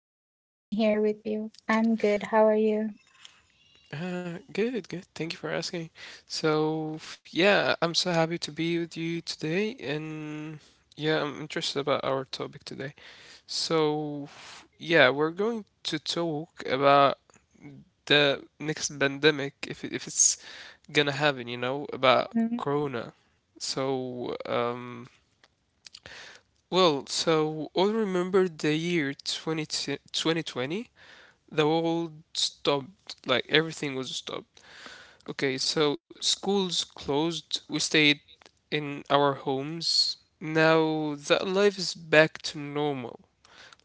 a pleasure to be here with you. I'm good. How are you? Good, good. Thank you for asking. So yeah, I'm so happy to be with you today, and yeah, I'm interested about our topic today. So yeah, we're going to talk about the next pandemic, if it's gonna happen, you know, about Mm. Corona. So um, so all remember the year 20, 2020? The world stopped, like everything was stopped. Okay, so schools closed, we stayed in our homes. Now that life is back to normal.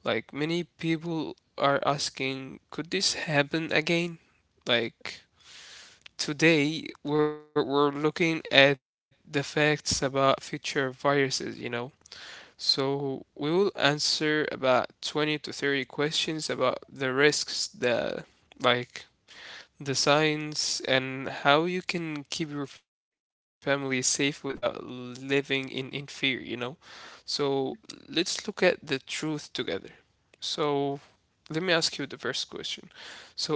Like many people are asking, could this happen again? Like today, we're looking at the facts about future viruses, you know? So we will answer about 20 to 30 questions about the risks like the signs, and how you can keep your family safe without living in fear, So let's look at the truth together. So let me ask you the first question.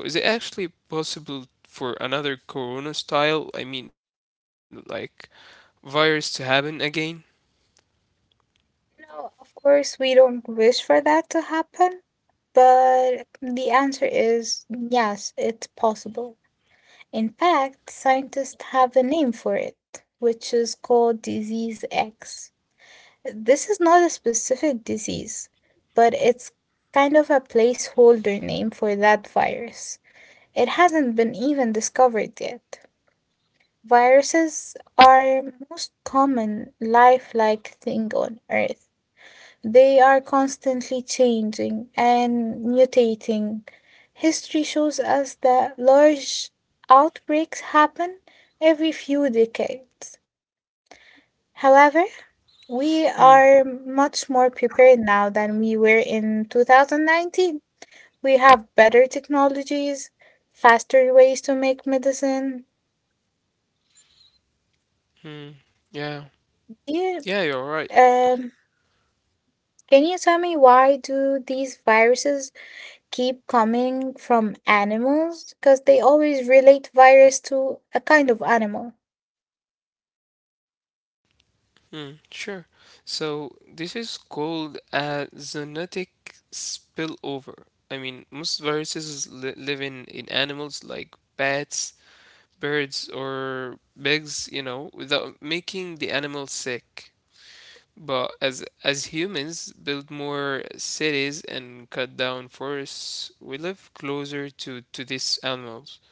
So is it actually possible for another corona style, I mean like virus to happen again? You know, of course, we don't wish for that to happen, but the answer is yes, it's possible. In fact, scientists have a name for it, which is called disease X. This is not a specific disease, but it's kind of a placeholder name for that virus. It hasn't been even discovered yet. Viruses are most common lifelike thing on Earth. They are constantly changing and mutating. History shows us that large outbreaks happen every few decades. However, Hmm, we are much more prepared now than we were in 2019. We have better technologies, faster ways to make medicine. hmm. Yeah. Yeah, you're right. Yeah, can you tell me why do these viruses keep coming from animals? Because they always relate virus to a kind of animal. Hmm, sure. So this is called a zoonotic spillover. I mean, most viruses live in animals like bats, birds, or pigs, you know, without making the animal sick. But as humans build more cities and cut down forests, we live closer to these animals.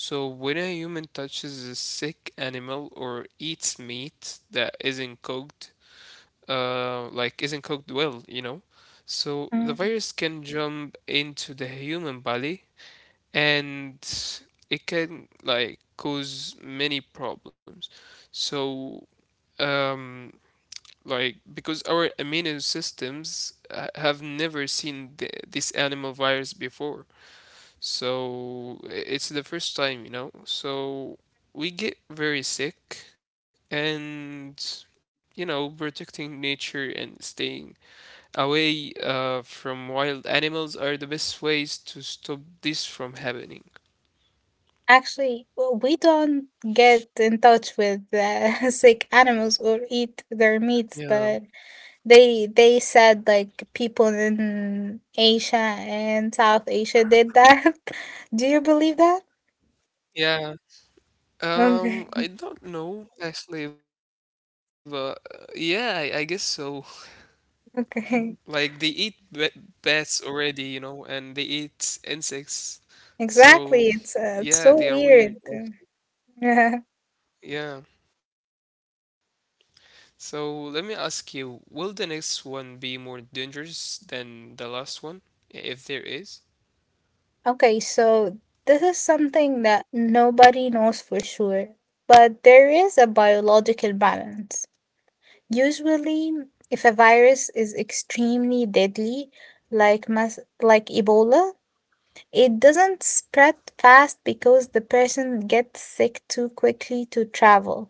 So when a human touches a sick animal or eats meat that isn't cooked, like isn't cooked well, you know. So Mm. the virus can jump into the human body and it can like cause many problems. So um like because our immune systems have never seen this animal virus before. So it's the first time, you know. So we get very sick and you know protecting nature and staying away from wild animals are the best ways to stop this from happening. Actually, we don't get in touch with sick animals or eat Yeah. their meats, but they said like people in Asia and South Asia did that. Do you believe that? Yeah. I don't Okay, know actually, but yeah, I guess so. Like they eat ba okay, bats already, you know, and they eat insects. So yeah, exactly. they are It's weird. uh, it's Like- so weird. Yeah. So let me ask you, will the next one be more dangerous than the last one, if there is? Okay, so this is something that nobody knows for sure, but there is a biological balance. Usually, if a virus is extremely deadly, like Ebola, it doesn't spread fast because the person gets sick too quickly to travel.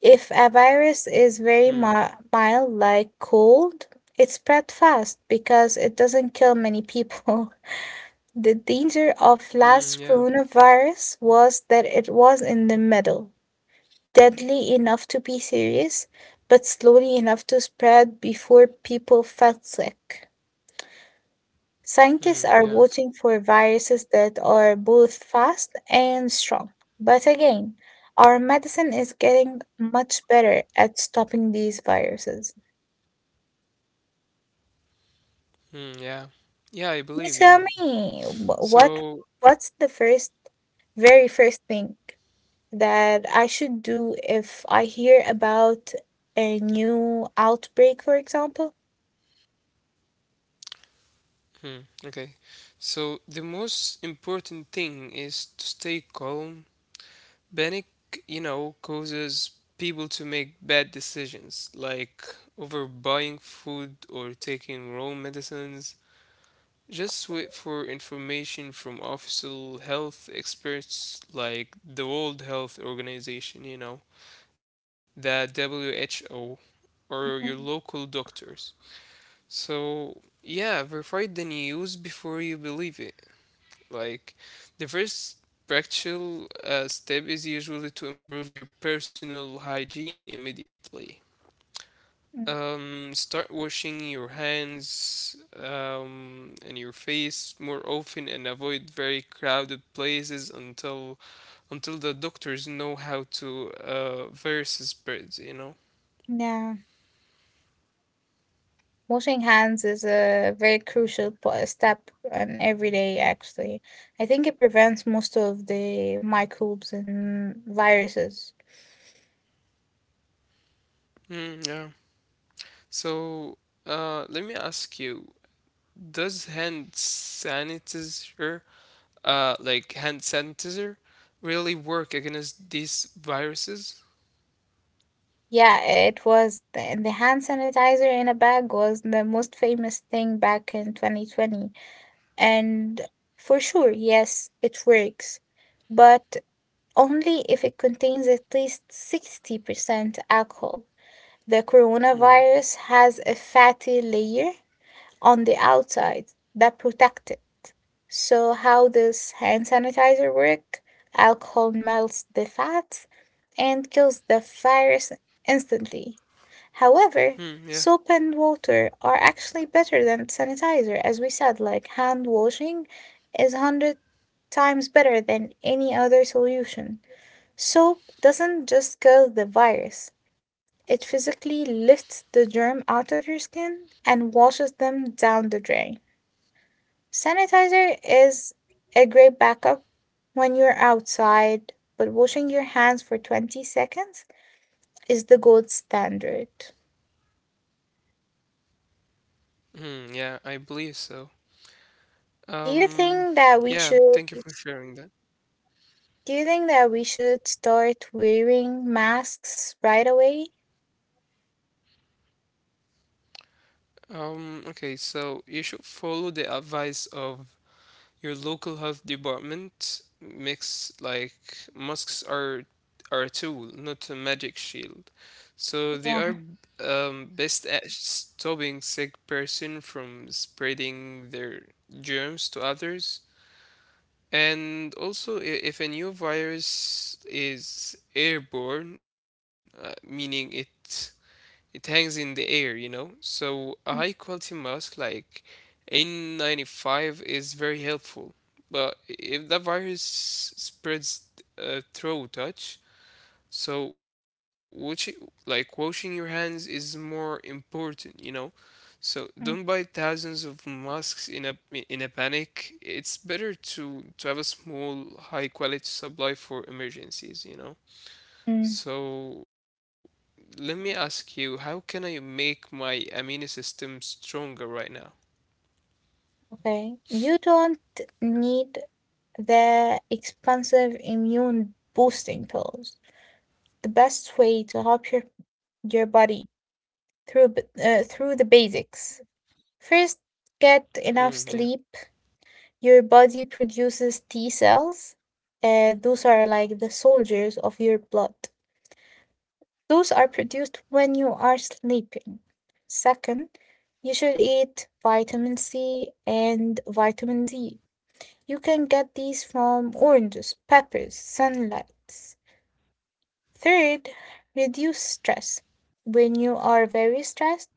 If a Hmm. virus is very mild, like cold, it spread fast because it doesn't kill many people. The danger of Hmm. Yeah. last coronavirus was that it was in the middle, deadly enough to be serious, but slowly enough to spread before people felt sick. Hmm. Scientists Yeah. are watching for viruses that are both fast and strong. But again, our medicine is getting much better at stopping these viruses. Mm, yeah. Yeah, I believe, You yeah. tell me what So, what's the first very first thing that I should do if I hear about a new outbreak, for example? hmm, okay. So the most important thing is to stay calm. Panic, you know, causes people to make bad decisions, like overbuying food or taking wrong medicines. Just wait for information from official health experts like the World Health Organization, you know, the WHO, or your Mhm. local doctors. So, yeah, verify the news before you believe it. Like, the first practical step is usually to improve your personal hygiene immediately. Mm. Start washing your hands and your face more often and avoid very crowded places until the doctors know how to versus spreads, you know? Yeah, washing hands is a very crucial step in every day, actually. I think it prevents most of the microbes and viruses. Mm, yeah. So, let me ask you, does hand sanitizer, like hand sanitizer, really work against these viruses? Yeah, it was the hand sanitizer in a bag was the most famous thing back in 2020. And for sure, yes, it works, but only if it contains at least 60% alcohol. The coronavirus Hmm. has a fatty layer on the outside that protects it. So how does hand sanitizer work? Alcohol melts the fat and kills the virus instantly. However, Hmm. Yeah. soap and water are actually better than sanitizer. As we said, like hand washing is 100 times better than any other solution. Soap doesn't just kill the virus, it physically lifts the germ out of your skin and washes them down the drain. Sanitizer is a great backup when you're outside, but washing your hands for 20 seconds is the gold standard. Hmm. Yeah, I believe so. Do you Um. think that we Yeah. should Thank you for sharing that. do you think that we should start wearing masks right away? Okay. So you should follow the advice of your local health department makes like masks are a tool, not a magic shield. So they are Yeah. Best at stopping sick person from spreading their germs to others. And also, if a new virus is airborne, meaning it it hangs in the air, you know. So a high quality Mm. mask like N95 is very helpful. But if the virus spreads through touch, so which like washing your hands is more important, you know. So don't buy Mm. thousands of masks in a panic. It's better to have a small high quality supply for emergencies, you know. Mm. So let me ask you, how can I make my immune system stronger right now? Okay. You don't need the expensive immune boosting pills. The best way to help your body through the basics. First, get Hmm, enough yeah. sleep. Your body produces T cells. Those are like the soldiers of your blood. Those are produced when you are sleeping. Second, you should eat vitamin C and vitamin D. You can get these from oranges, peppers, sunlight. Third, reduce stress. When you are very stressed,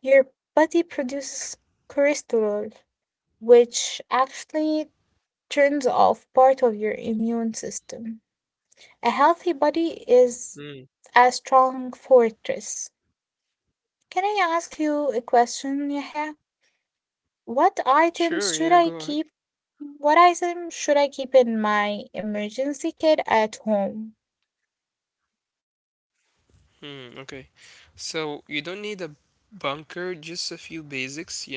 your body produces cholesterol, which actually turns off part of your immune system. A healthy body is Hmm. a strong fortress. Can I ask you a question, Yahya? What items Sure, should yeah, I go ahead. keep? What item should I keep in my emergency kit at home? Hmm, okay. So you don't need a bunker, just a few basics, you know.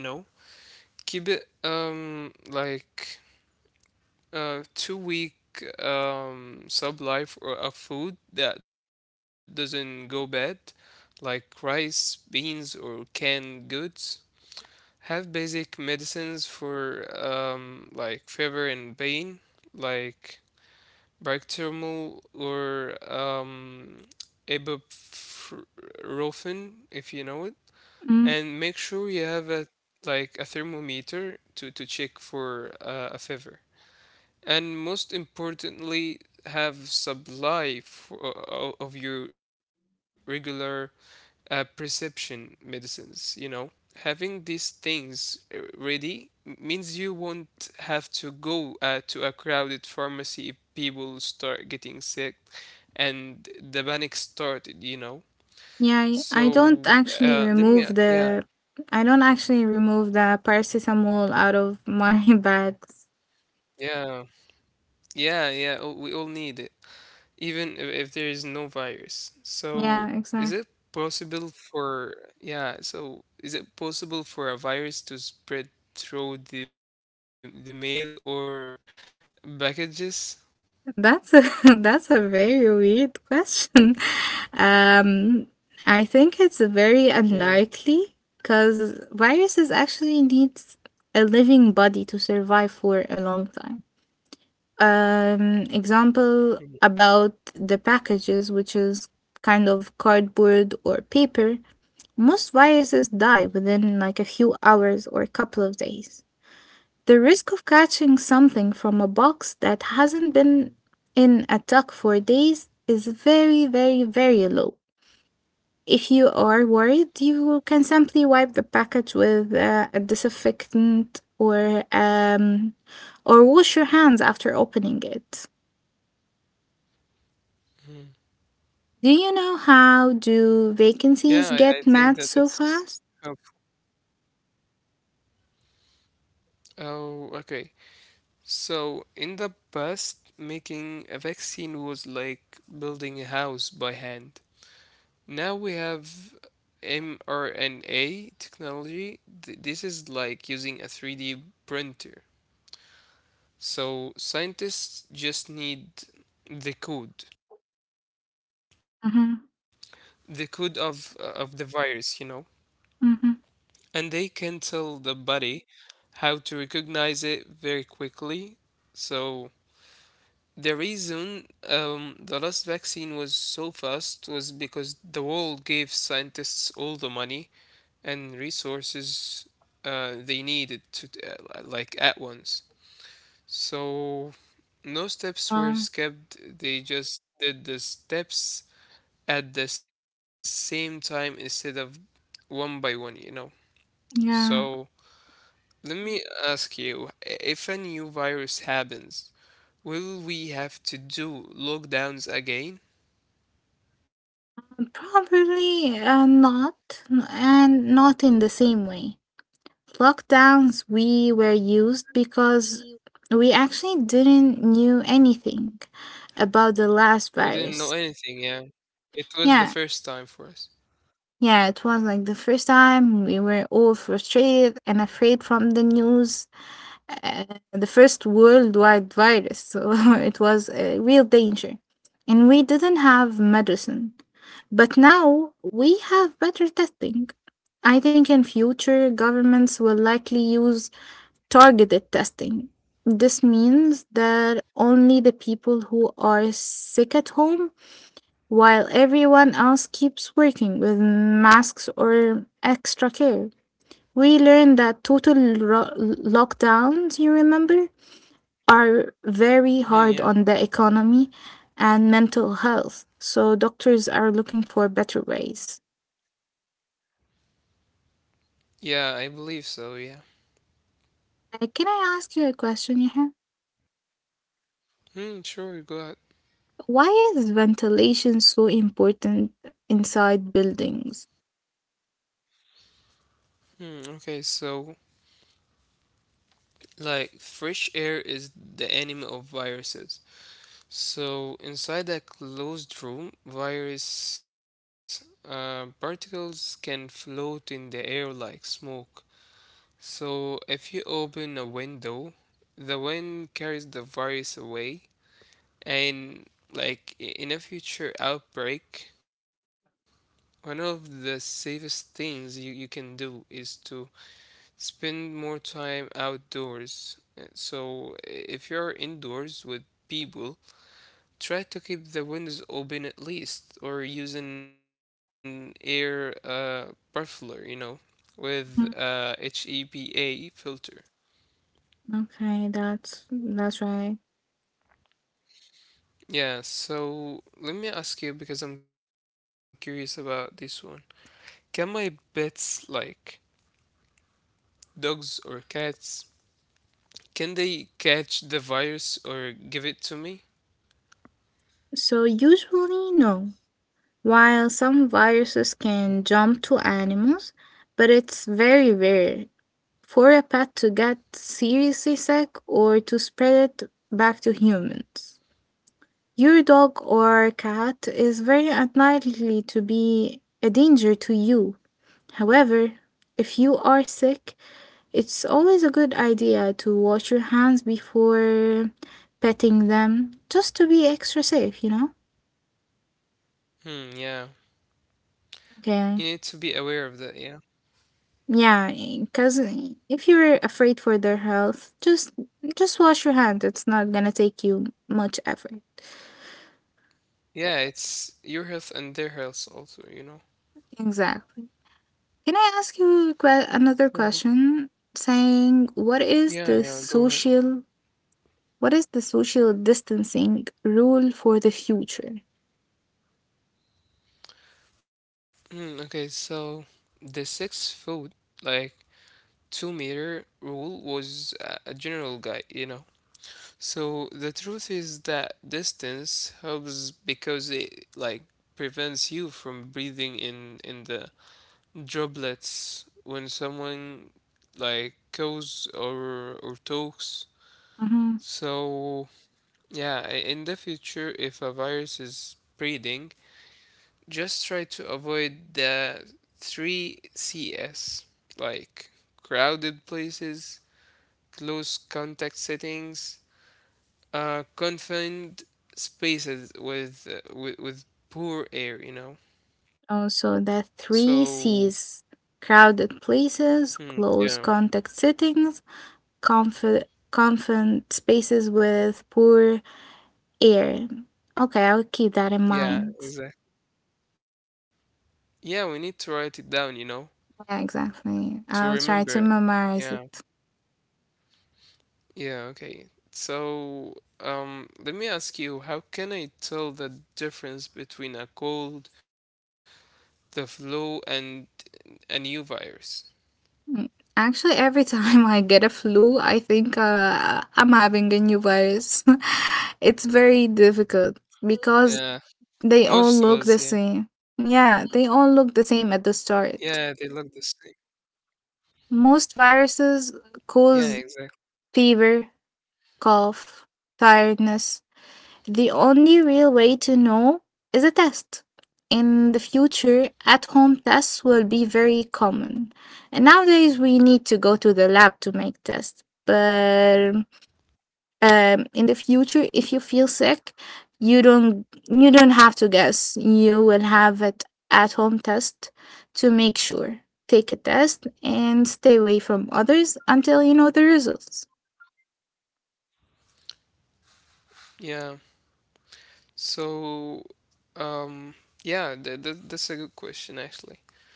Keep it 2 week sub life or of food that doesn't go bad, like rice, beans or canned goods. Have basic medicines for like fever and pain, like paracetamol or ibuprofen, if you know it. Mm, And make sure you have a like a thermometer to check for a fever. And most importantly, have supply for of your regular perception medicines, you know. Having these things ready means you won't have to go to a crowded pharmacy if people start getting sick and the panic started, you know. yeah, I So, don't actually remove yeah, the I don't actually remove the paracetamol out of my bags. yeah, yeah, yeah, oh, we all need it. Even if there is no virus. So Yeah. is it possible for yeah, so is it possible for a virus to spread through the mail or packages? That's a that's a very weird question. Um, I Yeah. think it's very unlikely because viruses actually need a living body to survive for a long time. Example Probably. about the packages, which is kind of cardboard or paper. Most viruses die within like a few hours or a couple of days. The risk of catching something from a box that hasn't been in a tuck for days is very, very, very low. If you are worried, you can simply wipe the package with a disinfectant or wash your hands after opening it. Mhm. Do you know how Yeah, do I think that vacancies get that's mad so how. fast? Oh, okay. So in the past, making a vaccine was like building a house by hand. Now we have mRNA technology. This is like using a 3D printer. So scientists just need the code, Mm-hmm. the code of the virus, you know, and Mm-hmm. they can tell the body how to recognize it very quickly. So the reason the last vaccine was so fast was because the world gave scientists all the money and resources they needed to like at once. So no steps were Uh, skipped. They just did the steps at the same time instead of one by one. You know. So yeah, let me ask you: if a new virus happens, will we have to do lockdowns again? probably not, and not in the same way. Lockdowns we were used because we actually didn't knew anything about the last We didn't know virus. anything. Yeah, it was the Yeah, first time for us. yeah, it was like the first time we were all frustrated and afraid from the news, uh, the first worldwide virus. So it was a real danger. And we didn't have medicine. But now we have better testing. I think in future governments will likely use targeted testing. This means that only the people who are sick at home, while everyone else keeps working with masks or extra care. We learned that total ro- lockdowns, you remember, are very Hmm, hard yeah. on the economy and mental health. So doctors are looking for better ways. Yeah, I believe so. Yeah. Can I ask you a question, Yaha? Hmm, sure. Go. Why is ventilation so important inside buildings? Hmm, okay, so like fresh air is the enemy of viruses. So inside that closed room, virus particles can float in the air like smoke. So if you open a window, the wind carries the virus away, and like in a future outbreak, one of the safest things you can do is to spend more time outdoors. So, if you're indoors with people, try to keep the windows open at least, or use an air muffler, you know, Mm. with HEPA filter. Okay, that's right. Yeah, so let me ask you because I'm curious about this one. Can my pets, like dogs or cats, can they catch the virus or give it to me? So usually no. While some viruses can jump to animals, but it's very rare for a pet to get seriously sick or to spread it back to humans. Your dog or cat is very unlikely to be a danger to you. However, if you are sick, it's always a good idea to wash your hands before petting them, just to be extra safe, you know? Hmm, yeah. Okay. You need to be aware of that, yeah. Yeah, because if you're afraid for their health, just wash your hands. It's not gonna take you much effort. Yeah, it's your health and their health also, you know. Exactly. Can I ask you a another So question? Saying what is yeah, the yeah, go ahead. social what is the social distancing rule for the future? Mm, okay, so the 6 foot, like 2 meter rule was a general guide, you know. So the truth is that distance helps because it like prevents you from breathing in the droplets when someone like goes or talks. Mm-hmm. So yeah, in the future, if a virus is spreading, just try to avoid the 3CS, like crowded places, close contact settings, confined spaces with poor air, you know? Also, the So, three C's: crowded hmm, places, yeah, close contact settings, comfort, confident spaces with poor air. Okay, I'll keep that in yeah, mind. exactly. Yeah, we need to write it down, you know, Yeah, exactly. to I'll remember try to it. memorize Yeah. it. Yeah, okay. So, let me ask you, how can I tell the difference between a cold, the flu, and a new virus? Mm. Actually, every time I get a flu, I think I'm having a new virus. It's very difficult because Yeah, they all most of look the us, yeah. same. Yeah, they all look the same at the Yeah, they start. look the same. Most viruses Yeah, exactly. cause fever, cough, tiredness. The only real way to know is a test. In the future, at home tests will be very common. And nowadays, we need to go to the lab to make tests. But in the future if you feel sick you don't have to guess, you will have it at home test to make sure, take a test and stay away from others until you know the results. Yeah. So, um, yeah, th th that's a good question, actually.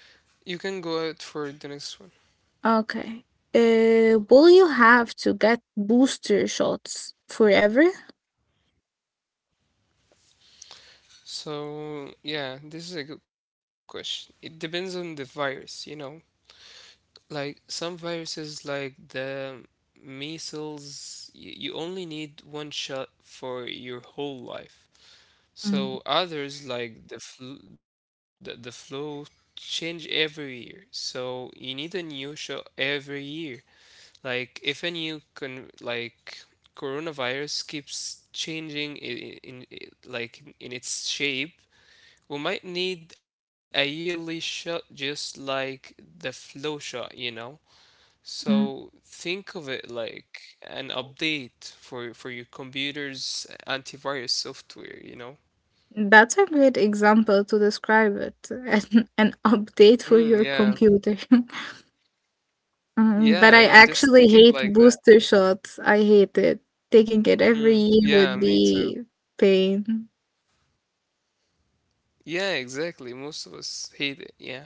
You can go out for the next one. Okay. Will you have to get booster shots forever? So, yeah, this is a good question. It depends on the virus, you know. Like some viruses, like the measles, you only need one shot for your whole life. Mm. So others, like the flu, the flu, change every year. So you need a new shot every year. Like if a new con like coronavirus keeps changing in like in its shape, we might need a yearly shot, just like the flu shot, you know. Mm. So think of it like an update for your computer's antivirus software, you know? That's a great example to describe it. An update for your Mm, yeah. computer. Mm, but I Yeah, yeah, actually just take it hate like that. booster shots. I hate it. Taking it every Mm, year yeah, would me too. be pain. Yeah, exactly. Most of us hate it. Yeah.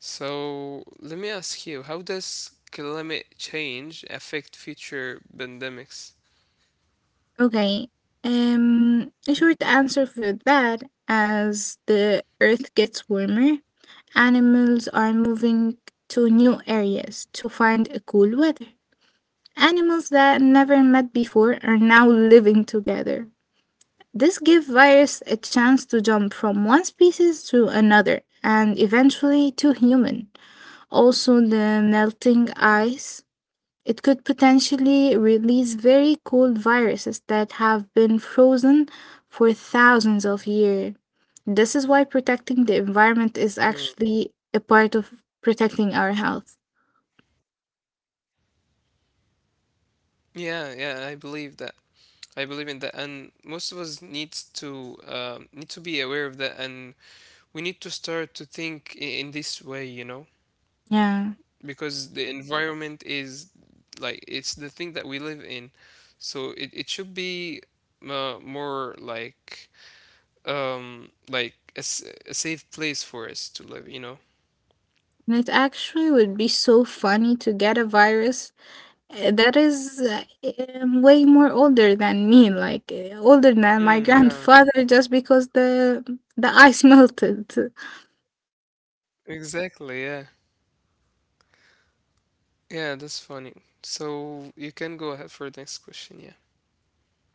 So let me ask you, how does climate change affect future pandemics? Okay. A short answer for that: as the earth gets warmer, animals are moving to new areas to find a cool weather. Animals that never met before are now living together. This gives virus a chance to jump from one species to another and eventually to human. Also, the melting ice. It could potentially release very cold viruses that have been frozen for thousands of years. This is why protecting the Mm. environment is actually a part of protecting our health. Yeah, yeah, I believe that. I believe in that, and most of us needs to need to be aware of that and we need to start to think in this way, you know, Yeah. because the environment is like it's the thing that we live in. So it should be more like a safe place for us to live, you know. And it actually would be so funny to get a virus that is way more older than me, like older than my Mm, yeah, grandfather, just because the ice melted. exactly. Yeah. Yeah, that's funny. So you can go ahead for the next question, yeah.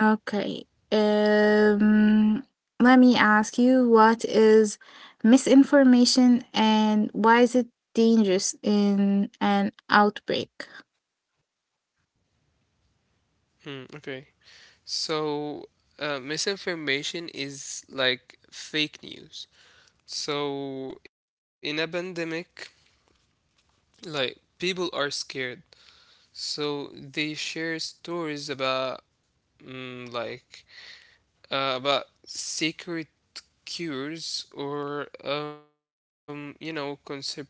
Okay. Um, let me ask you what is misinformation and why is it dangerous in an outbreak? Hmm, okay. So, misinformation is like fake news. So, in a pandemic, like people are scared so they share stories about mm, like about secret cures or conspiracies.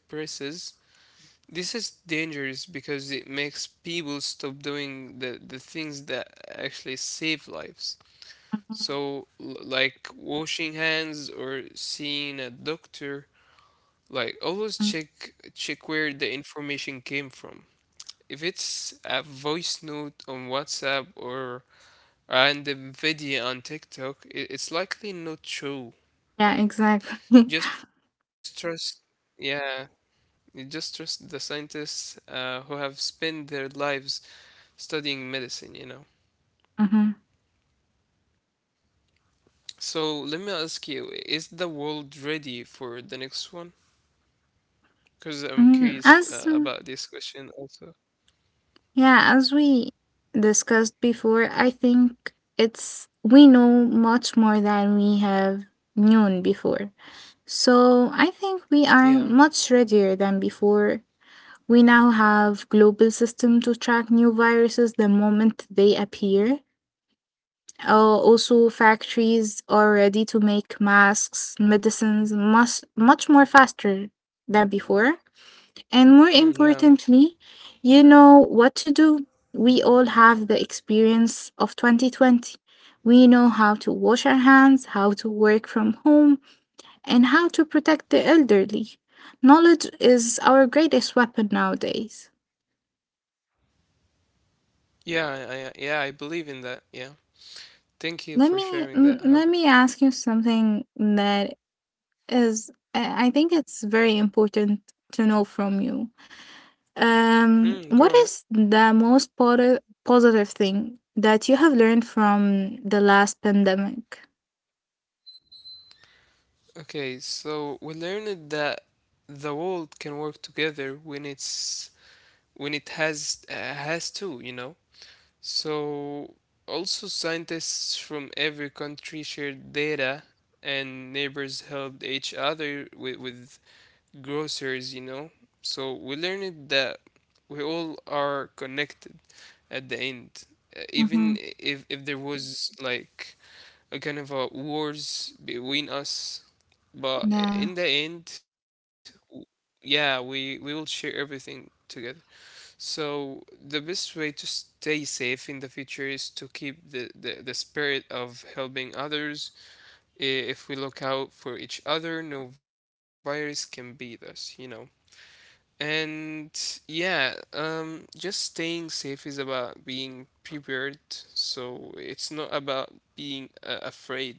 This is dangerous because it makes people stop doing the things that actually save lives, Mhm. so like washing hands or seeing a doctor. Like, always Mm. check where the information came from. If it's a voice note on WhatsApp or and a video on TikTok, it's likely not true. Yeah, Like, exactly. just trust, yeah, you just trust the scientists who have spent their lives studying medicine, you know. Hmm. So let me ask you, is the world ready for the next one? Because I'm mm curious As about this question also. Yeah, as we discussed before, I think it's we know much more than we have known before. So I think Yeah. we are much readier than before. We now have global system to track new viruses the moment they appear. Also, factories are ready to make masks, medicines much, much more faster than before. Hmm, And yeah. more importantly, you know what to do. We all have the experience of 2020. We know how to wash our hands, how to work from home, and how to protect the elderly. Knowledge is our greatest weapon nowadays. Yeah, yeah, I believe in that. Yeah. Thank you Let for me sharing l- that, let Hagar. me ask you something that is I think it's very important to know from you. Hmm, What go is ahead. the most positive thing that you have learned from the last pandemic? Okay, so we learned that the world can work together when it has to, you know. So also scientists from every country shared data and neighbors helped each other with grocers, you know. So we learned that we all are connected at the end. Even Mm-hmm. if there was like a kind of a wars between us, but Yeah. in the end, yeah, we will share everything together. So the best way to stay safe in the future is to keep the spirit of helping others. If we look out for each other, no virus can beat us, you know. And yeah, just staying safe is about being prepared. So it's not about being afraid,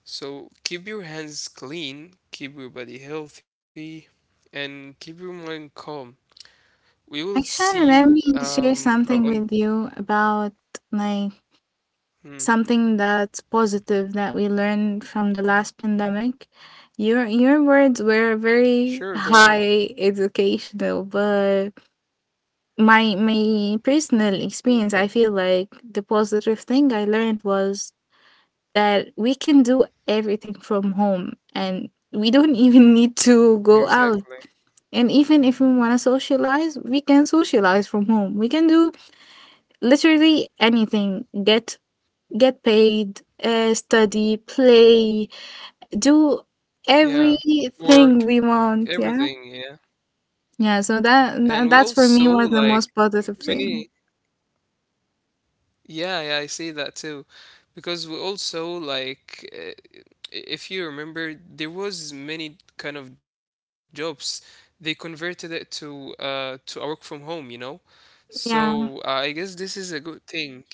so keep your hands clean, keep your body healthy, and keep your mind calm. We will see Actually, you let me share something on with you about like hmm. something that's positive that we learned from the last pandemic. Your words were Sure, go ahead. very high educational, but my personal Yeah. experience, I feel like the positive thing I learned was that we can do everything from home and we don't even need to go out. Exactly. And even if we want to socialize, we can socialize from home. We can do literally anything. Get paid, study, play, do Yeah. everything Work, we everything, want. yeah. Yeah. Yeah. So And we that's also for me was like the most positive many thing. yeah, yeah, I see that too. Because we also like if you remember there was many kind of jobs they converted it to to a work from home, you know? So Yeah. I guess this is a good thing. Yeah,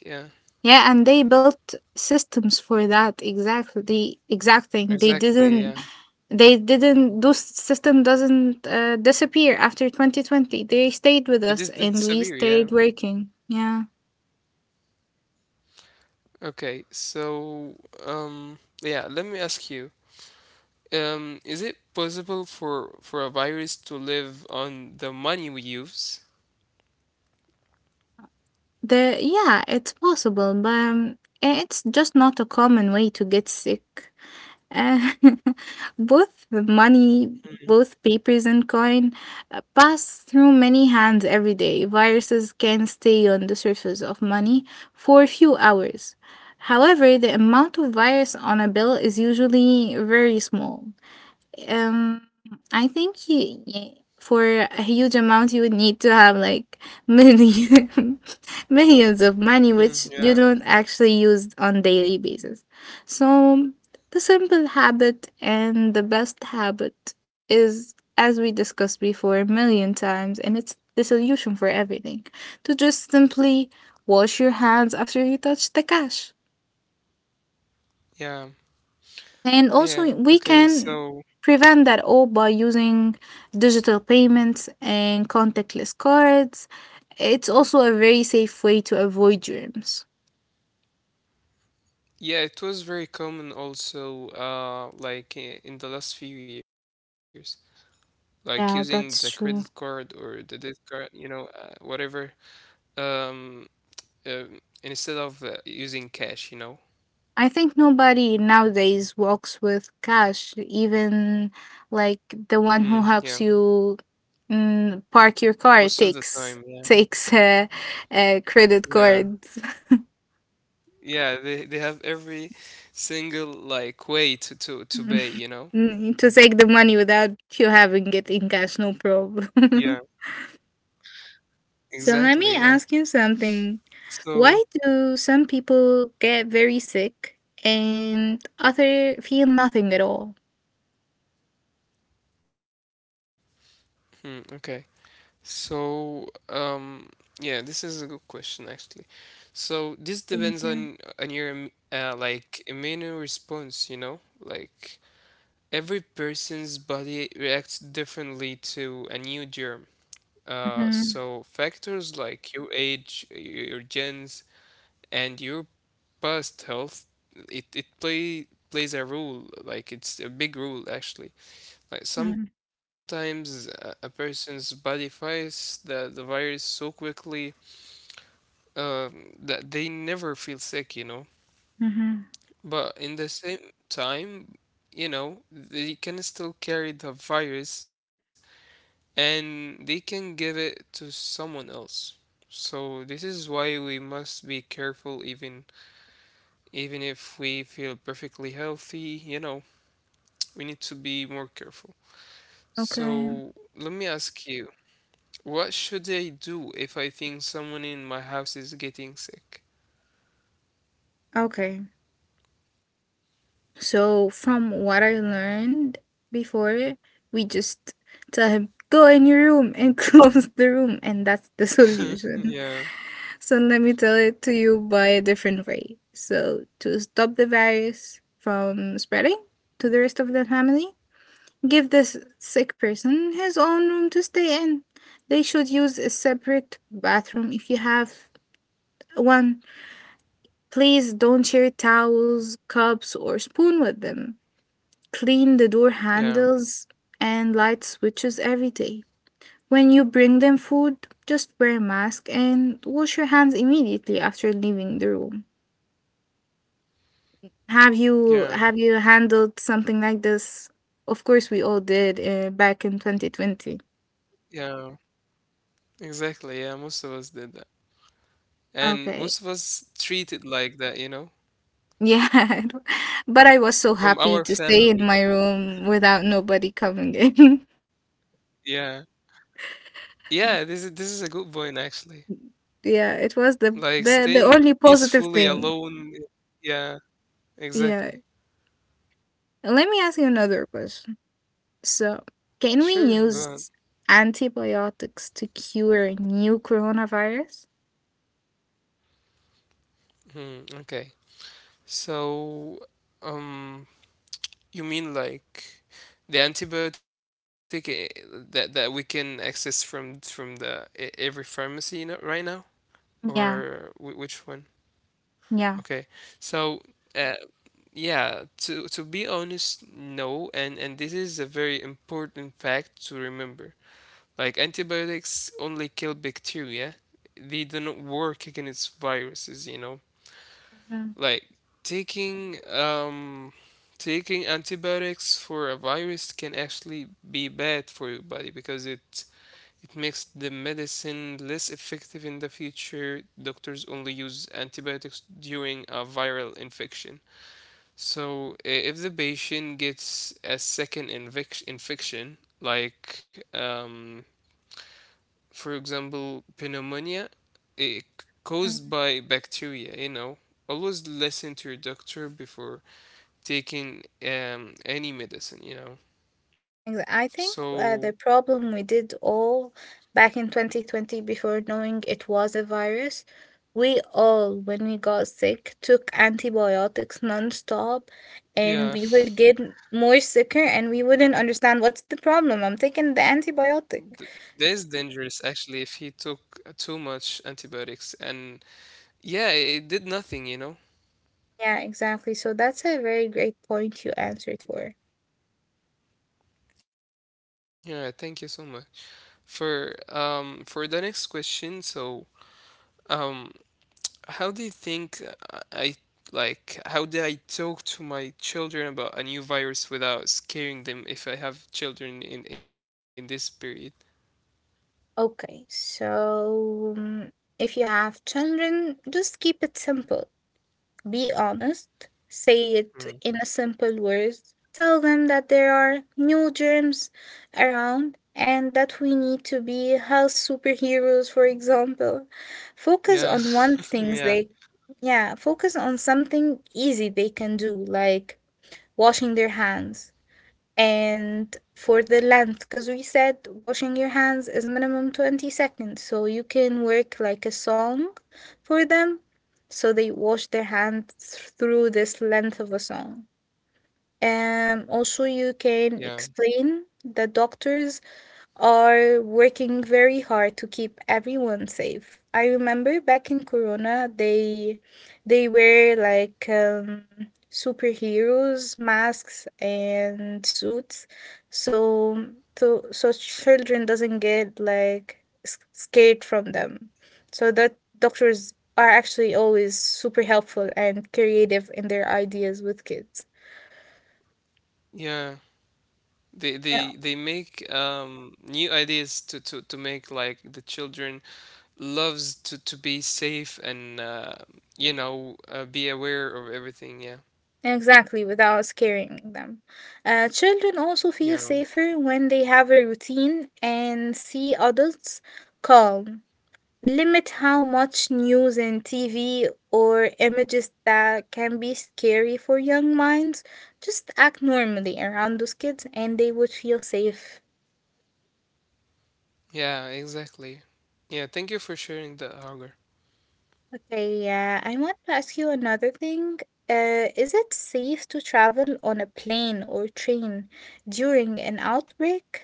Yeah. And they built systems for that exactly the exact thing. Exactly. Yeah, They didn't those system doesn't disappear after 2020. They stayed it with is, us this is and severe. we Yeah. stayed working, yeah. Okay. So yeah. Let me ask you. Is it possible for a virus to live on the money we use? The yeah, it's possible, but it's just not a common way to get sick. Uh, both money, both papers and coin pass through many hands every day. Viruses can stay on the surface of money for a few hours. However, the amount of virus on a bill is usually very small. Um, I think yeah, for a huge amount, you would need to have like million, millions of money, Hmm, which you yeah. don't actually use on daily basis. So the simple habit and the best habit is, as we discussed before a million times, and it's the solution for everything, to just simply wash your hands after you touch the cash. Yeah. And also, Yeah. we Okay. can So prevent that all by using digital payments and contactless cards. It's also a very safe way to avoid germs. yeah, it was very common also. Like in the last few years. Like using the Yeah, credit that's card true. or the debit card, you know, whatever. um Instead of using cash, you know. I think nobody nowadays walks with cash, even like the one who Mm, helps yeah, you mm, park your car most of the takes time, yeah, takes credit yeah, cards. yeah. They have every single like way to Mm. pay, you know. Mm, to take the money without you having it in cash, no Yeah, problem. exactly. So Yeah. let me ask you something. So, Why do some people get very sick and other feel nothing at all? hmm, okay. So, yeah, this is a good question actually. So this depends on Thank you. Your like immune response, you know, like every person's body reacts differently to a new germ. Mm-hmm. So factors like your age, your genes, and your past health, it plays a role. Like it's a big role actually. Like sometimes a person's body fights the virus so quickly that they never feel sick, you know. Mm-hmm. But in the same time, you know, they can still carry the virus and they can give it to someone else. So this is why we must be careful, even even if we feel perfectly healthy, you know, we need to be more careful. Okay. So let me ask you, what should I do if I think someone in my house is getting sick? Okay, so from what I learned before, we just tell him, go in your room and close the room, and that's the solution. Yeah, So let me tell it to you by a different way. So to stop the virus from spreading to the rest of the family, give this sick person his own room to stay in. They should use a separate bathroom if you have one. Please don't share towels, cups, or spoon with them, clean the door yeah, handles and light switches every day. When you bring them food, just wear a mask and wash your hands immediately after leaving the room. Have you yeah, have you handled something like this? Of course, we all did back in 2020. yeah. Exactly. Yeah, most of us did that. And most of Okay. us treated like that, you know, Yeah. But I was so from happy our to stay in family. my room without nobody coming in. Yeah. Yeah, this is a good point actually. Yeah, it was the Like the staying the only peacefully positive thing. alone. Yeah, Yeah. exactly. Let me ask you another question. So, can we Sure, go on. use antibiotics to cure new coronavirus? Hmm, okay. So, um, you mean like the antibiotic that we can access from the every pharmacy you know, right now, or Yeah, which one? yeah. Okay. So, uh, yeah, to be honest, no, and this is a very important fact to remember. Like antibiotics only kill bacteria, they do not work against viruses, you know. Mhm, Like taking um taking antibiotics for a virus can actually be bad for your body because it makes the medicine less effective in the future. Doctors only use antibiotics during a viral infection. So, if the patient gets a second infection, like for example, pneumonia, it mhm. caused by bacteria, you know. Always listen to your doctor before taking any medicine, you know. Exa- I think So, the problem we did all back in 2020, before knowing it was a virus, we all, when we got sick, took antibiotics nonstop, yeah, and we would get more sicker and we wouldn't understand what's the problem. I'm th- taking the that's antibiotic. dangerous actually if he took too much antibiotics. And yeah, it did nothing, you know. Yeah, exactly. So that's a very great point you answered for. Yeah, thank you so much. For the next question, so um how do you think I like how do I talk to my children about a new virus without scaring them if I have children in this period? Okay, so mm, if you have children, just keep it simple. Be honest. Mm. Say it in a simple words. Tell them that there are new germs around and that we need to be health superheroes, for example. Yeah, Focus on one yeah, things they, yeah, focus on something easy they can do, like washing their hands. And for the length, because we said washing your hands is minimum 20 seconds, so you can work like a song for them. So they wash their hands through this length of a song. Also, you yeah, can explain the doctors are working very hard to keep everyone safe. I remember back in Corona, they were like superheroes, masks and suits, so so children doesn't get like s- scared from them. So that doctors are actually always super helpful and creative in their ideas with kids. yeah. They make new ideas to make like the children loves to be safe and be aware of everything. Yeah, Exactly, without scaring them. Children also feel yeah, safer when they have a routine and see adults calm. Limit how much news and TV or images that can be scary for young minds. Just act normally around those kids and they would feel safe. yeah. Exactly. Yeah. Thank you for sharing that, Hager. Okay, I want to ask you another thing. Is it safe to travel on a plane or train during an outbreak?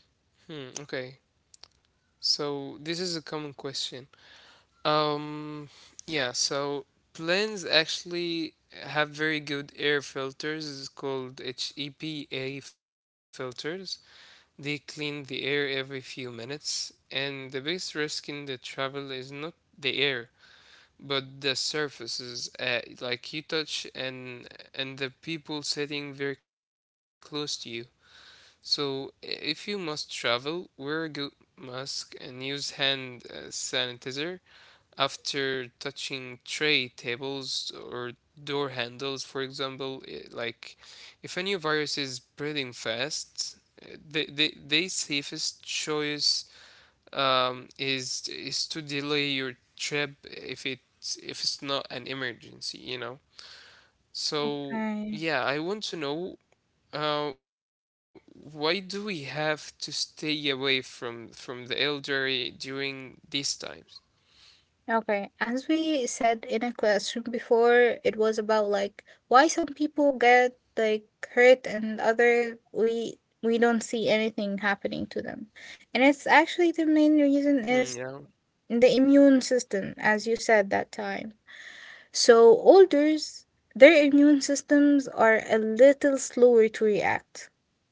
Hmm. Okay. So this is a common question. Um, yeah, so planes actually have very good air filters. It's called HEPA filters. They clean the air every few minutes, and the biggest risk in the travel is not the air, but the surfaces, like you touch and the people sitting very close to you. So, if you must travel, wear a good mask and use hand sanitizer after touching tray tables or door handles, for example. Like, if a new virus is spreading fast, the safest choice is to delay your trip if it's not an emergency, you know. So, Okay. yeah, I want to know why do we have to stay away from the elderly during these times? Okay, as we said in a question before, it was about like why some people get like hurt and other we don't see anything happening to them. And it's actually the main Hmm, reason yeah. is the immune system, as you said that time. So olders, their immune systems are a little slower to react.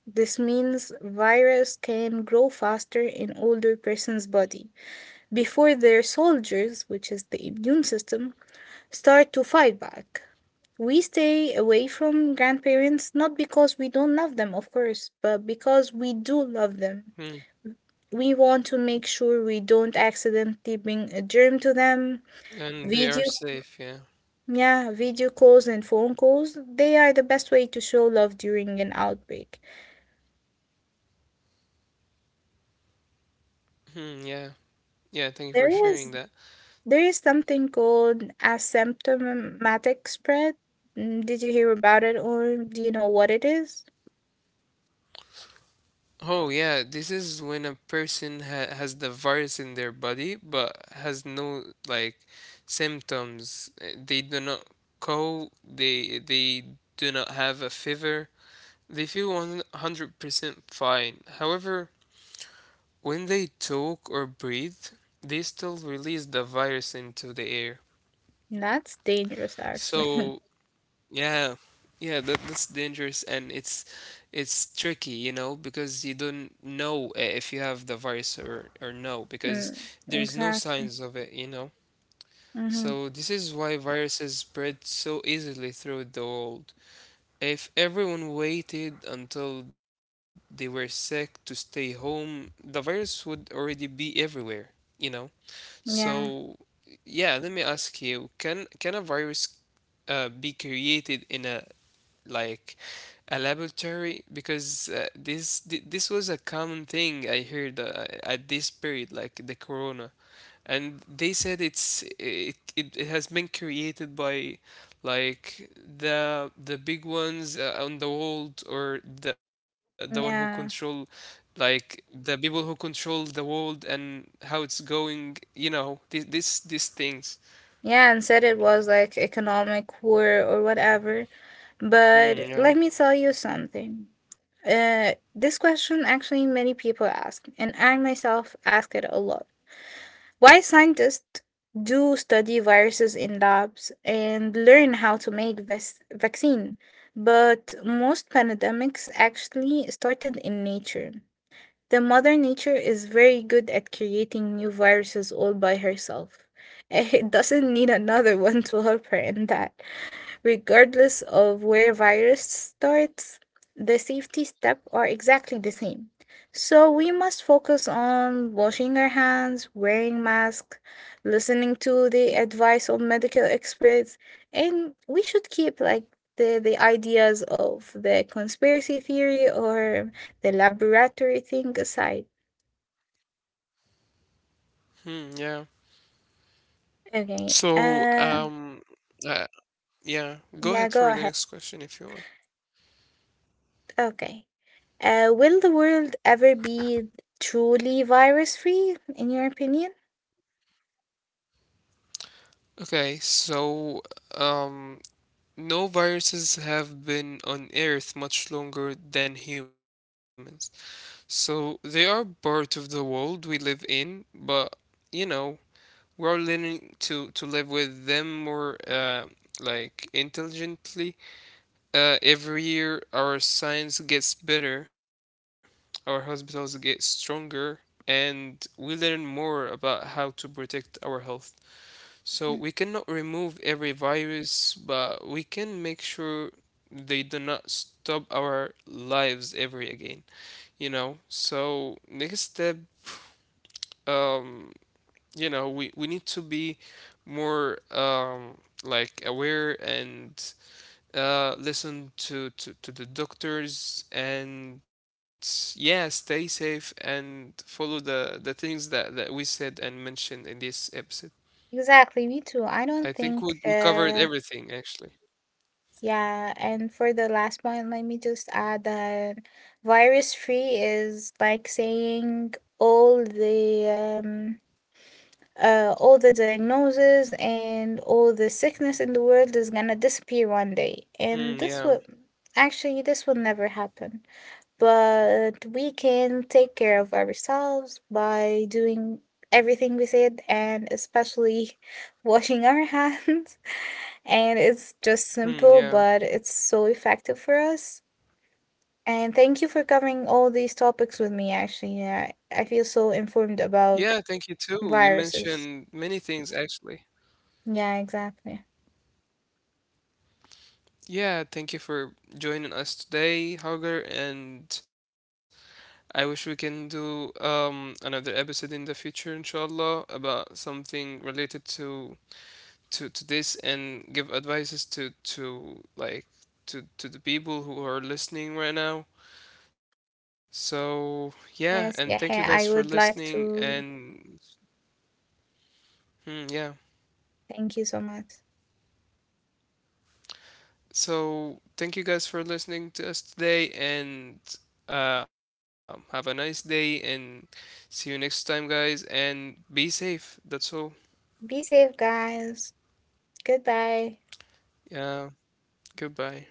This means virus can grow faster in older person's body before their soldiers, which is the immune system, start to fight back. We stay away from grandparents not because we don't love them, of course, but because we do Hmm. love them. We want to make sure we don't accidentally bring a germ to them. And they are Video, safe, yeah. yeah, video calls and phone calls, they are the best way to show love during an outbreak. Hmm, yeah. Yeah, thank you for There sharing is that. There is something called asymptomatic spread. Mm, did you hear about it or do you know what it is? Oh, yeah, this is when a person ha has the virus in their body but has no like symptoms. They do not cold, they do not have a fever. They feel 100% fine. However, when they talk or breathe, they still release the virus into the air. That's dangerous, actually. So yeah, yeah, that's dangerous and it's tricky, you know, because you don't know if you have the virus or no, because Mm, there's no exactly. signs of it, you know. Mm-hmm. So this is why viruses spread so easily throughout the world. If everyone waited until they were sick to stay home, the virus would already be everywhere, you know. So Yeah. yeah, let me ask you, can a virus be created in a like a laboratory? Because this was a common thing I heard at this period, like the corona, and they said it has been created by like the big ones on the world, or the one who control Yeah. like the people who control the world and how it's going, you know, this these things. Yeah, and said it was like economic war or whatever. But Mm, yeah. let me tell you something. This question actually many people ask, and I myself ask it a lot. Why scientists do study viruses in labs and learn how to make ves- vaccine, but most pandemics actually started in nature. The mother nature is very good at creating new viruses all by herself. It doesn't need another one to help her in that. Regardless of where virus starts, the safety steps are exactly the same. So we must focus on washing our hands, wearing masks, listening to the advice of medical experts, and we should keep like the ideas of the conspiracy theory or the laboratory thing aside. Hmm, yeah. Okay. So, uh, yeah, go Yeah, ahead go for the ahead. next question if you want. Okay. Will the world ever be truly virus free, in your opinion? Okay, so, um, no, viruses have been on Earth much longer than humans. So they are part of the world we live in, but you know, we're learning to live with them more, like intelligently. Every year, our science gets better, our hospitals get stronger, and we learn more about how to protect our health. So we Mhm. cannot remove every virus, but we can make sure they do not stop our lives ever again. You know. So next step, um, you know, we need to be more aware and listen to, to the doctors and yeah, stay safe and follow the things that, that we said and mentioned in this episode. Exactly, me too. I don't think, I think we uh, covered everything actually. Yeah, and for the last point, let me just add that virus free is like saying all the diagnoses and all the sickness in the world is gonna disappear one day. And Hmm, this will yeah. actually this will never happen. But we can take care of ourselves by doing everything we said and especially washing our hands. And it's just Hmm, simple, yeah. but it's so effective for us. And thank you for covering all these topics with me, actually. Yeah, I feel so informed about Yeah, thank you too, you viruses. mentioned many things actually. Yeah, exactly. Yeah, thank you for joining us today, Hauger, and I wish we can do another episode in the future, inshallah, about something related to this and give advices to like to the people who are listening right now. So yeah, and thank you guys Yes, for yeah, yeah, I listening would like and to. hmm, yeah. Thank you so much. So thank you guys for listening to us today and have a nice day and see you next time guys and be safe. That's all. Be safe, guys. Goodbye. Yeah. Goodbye.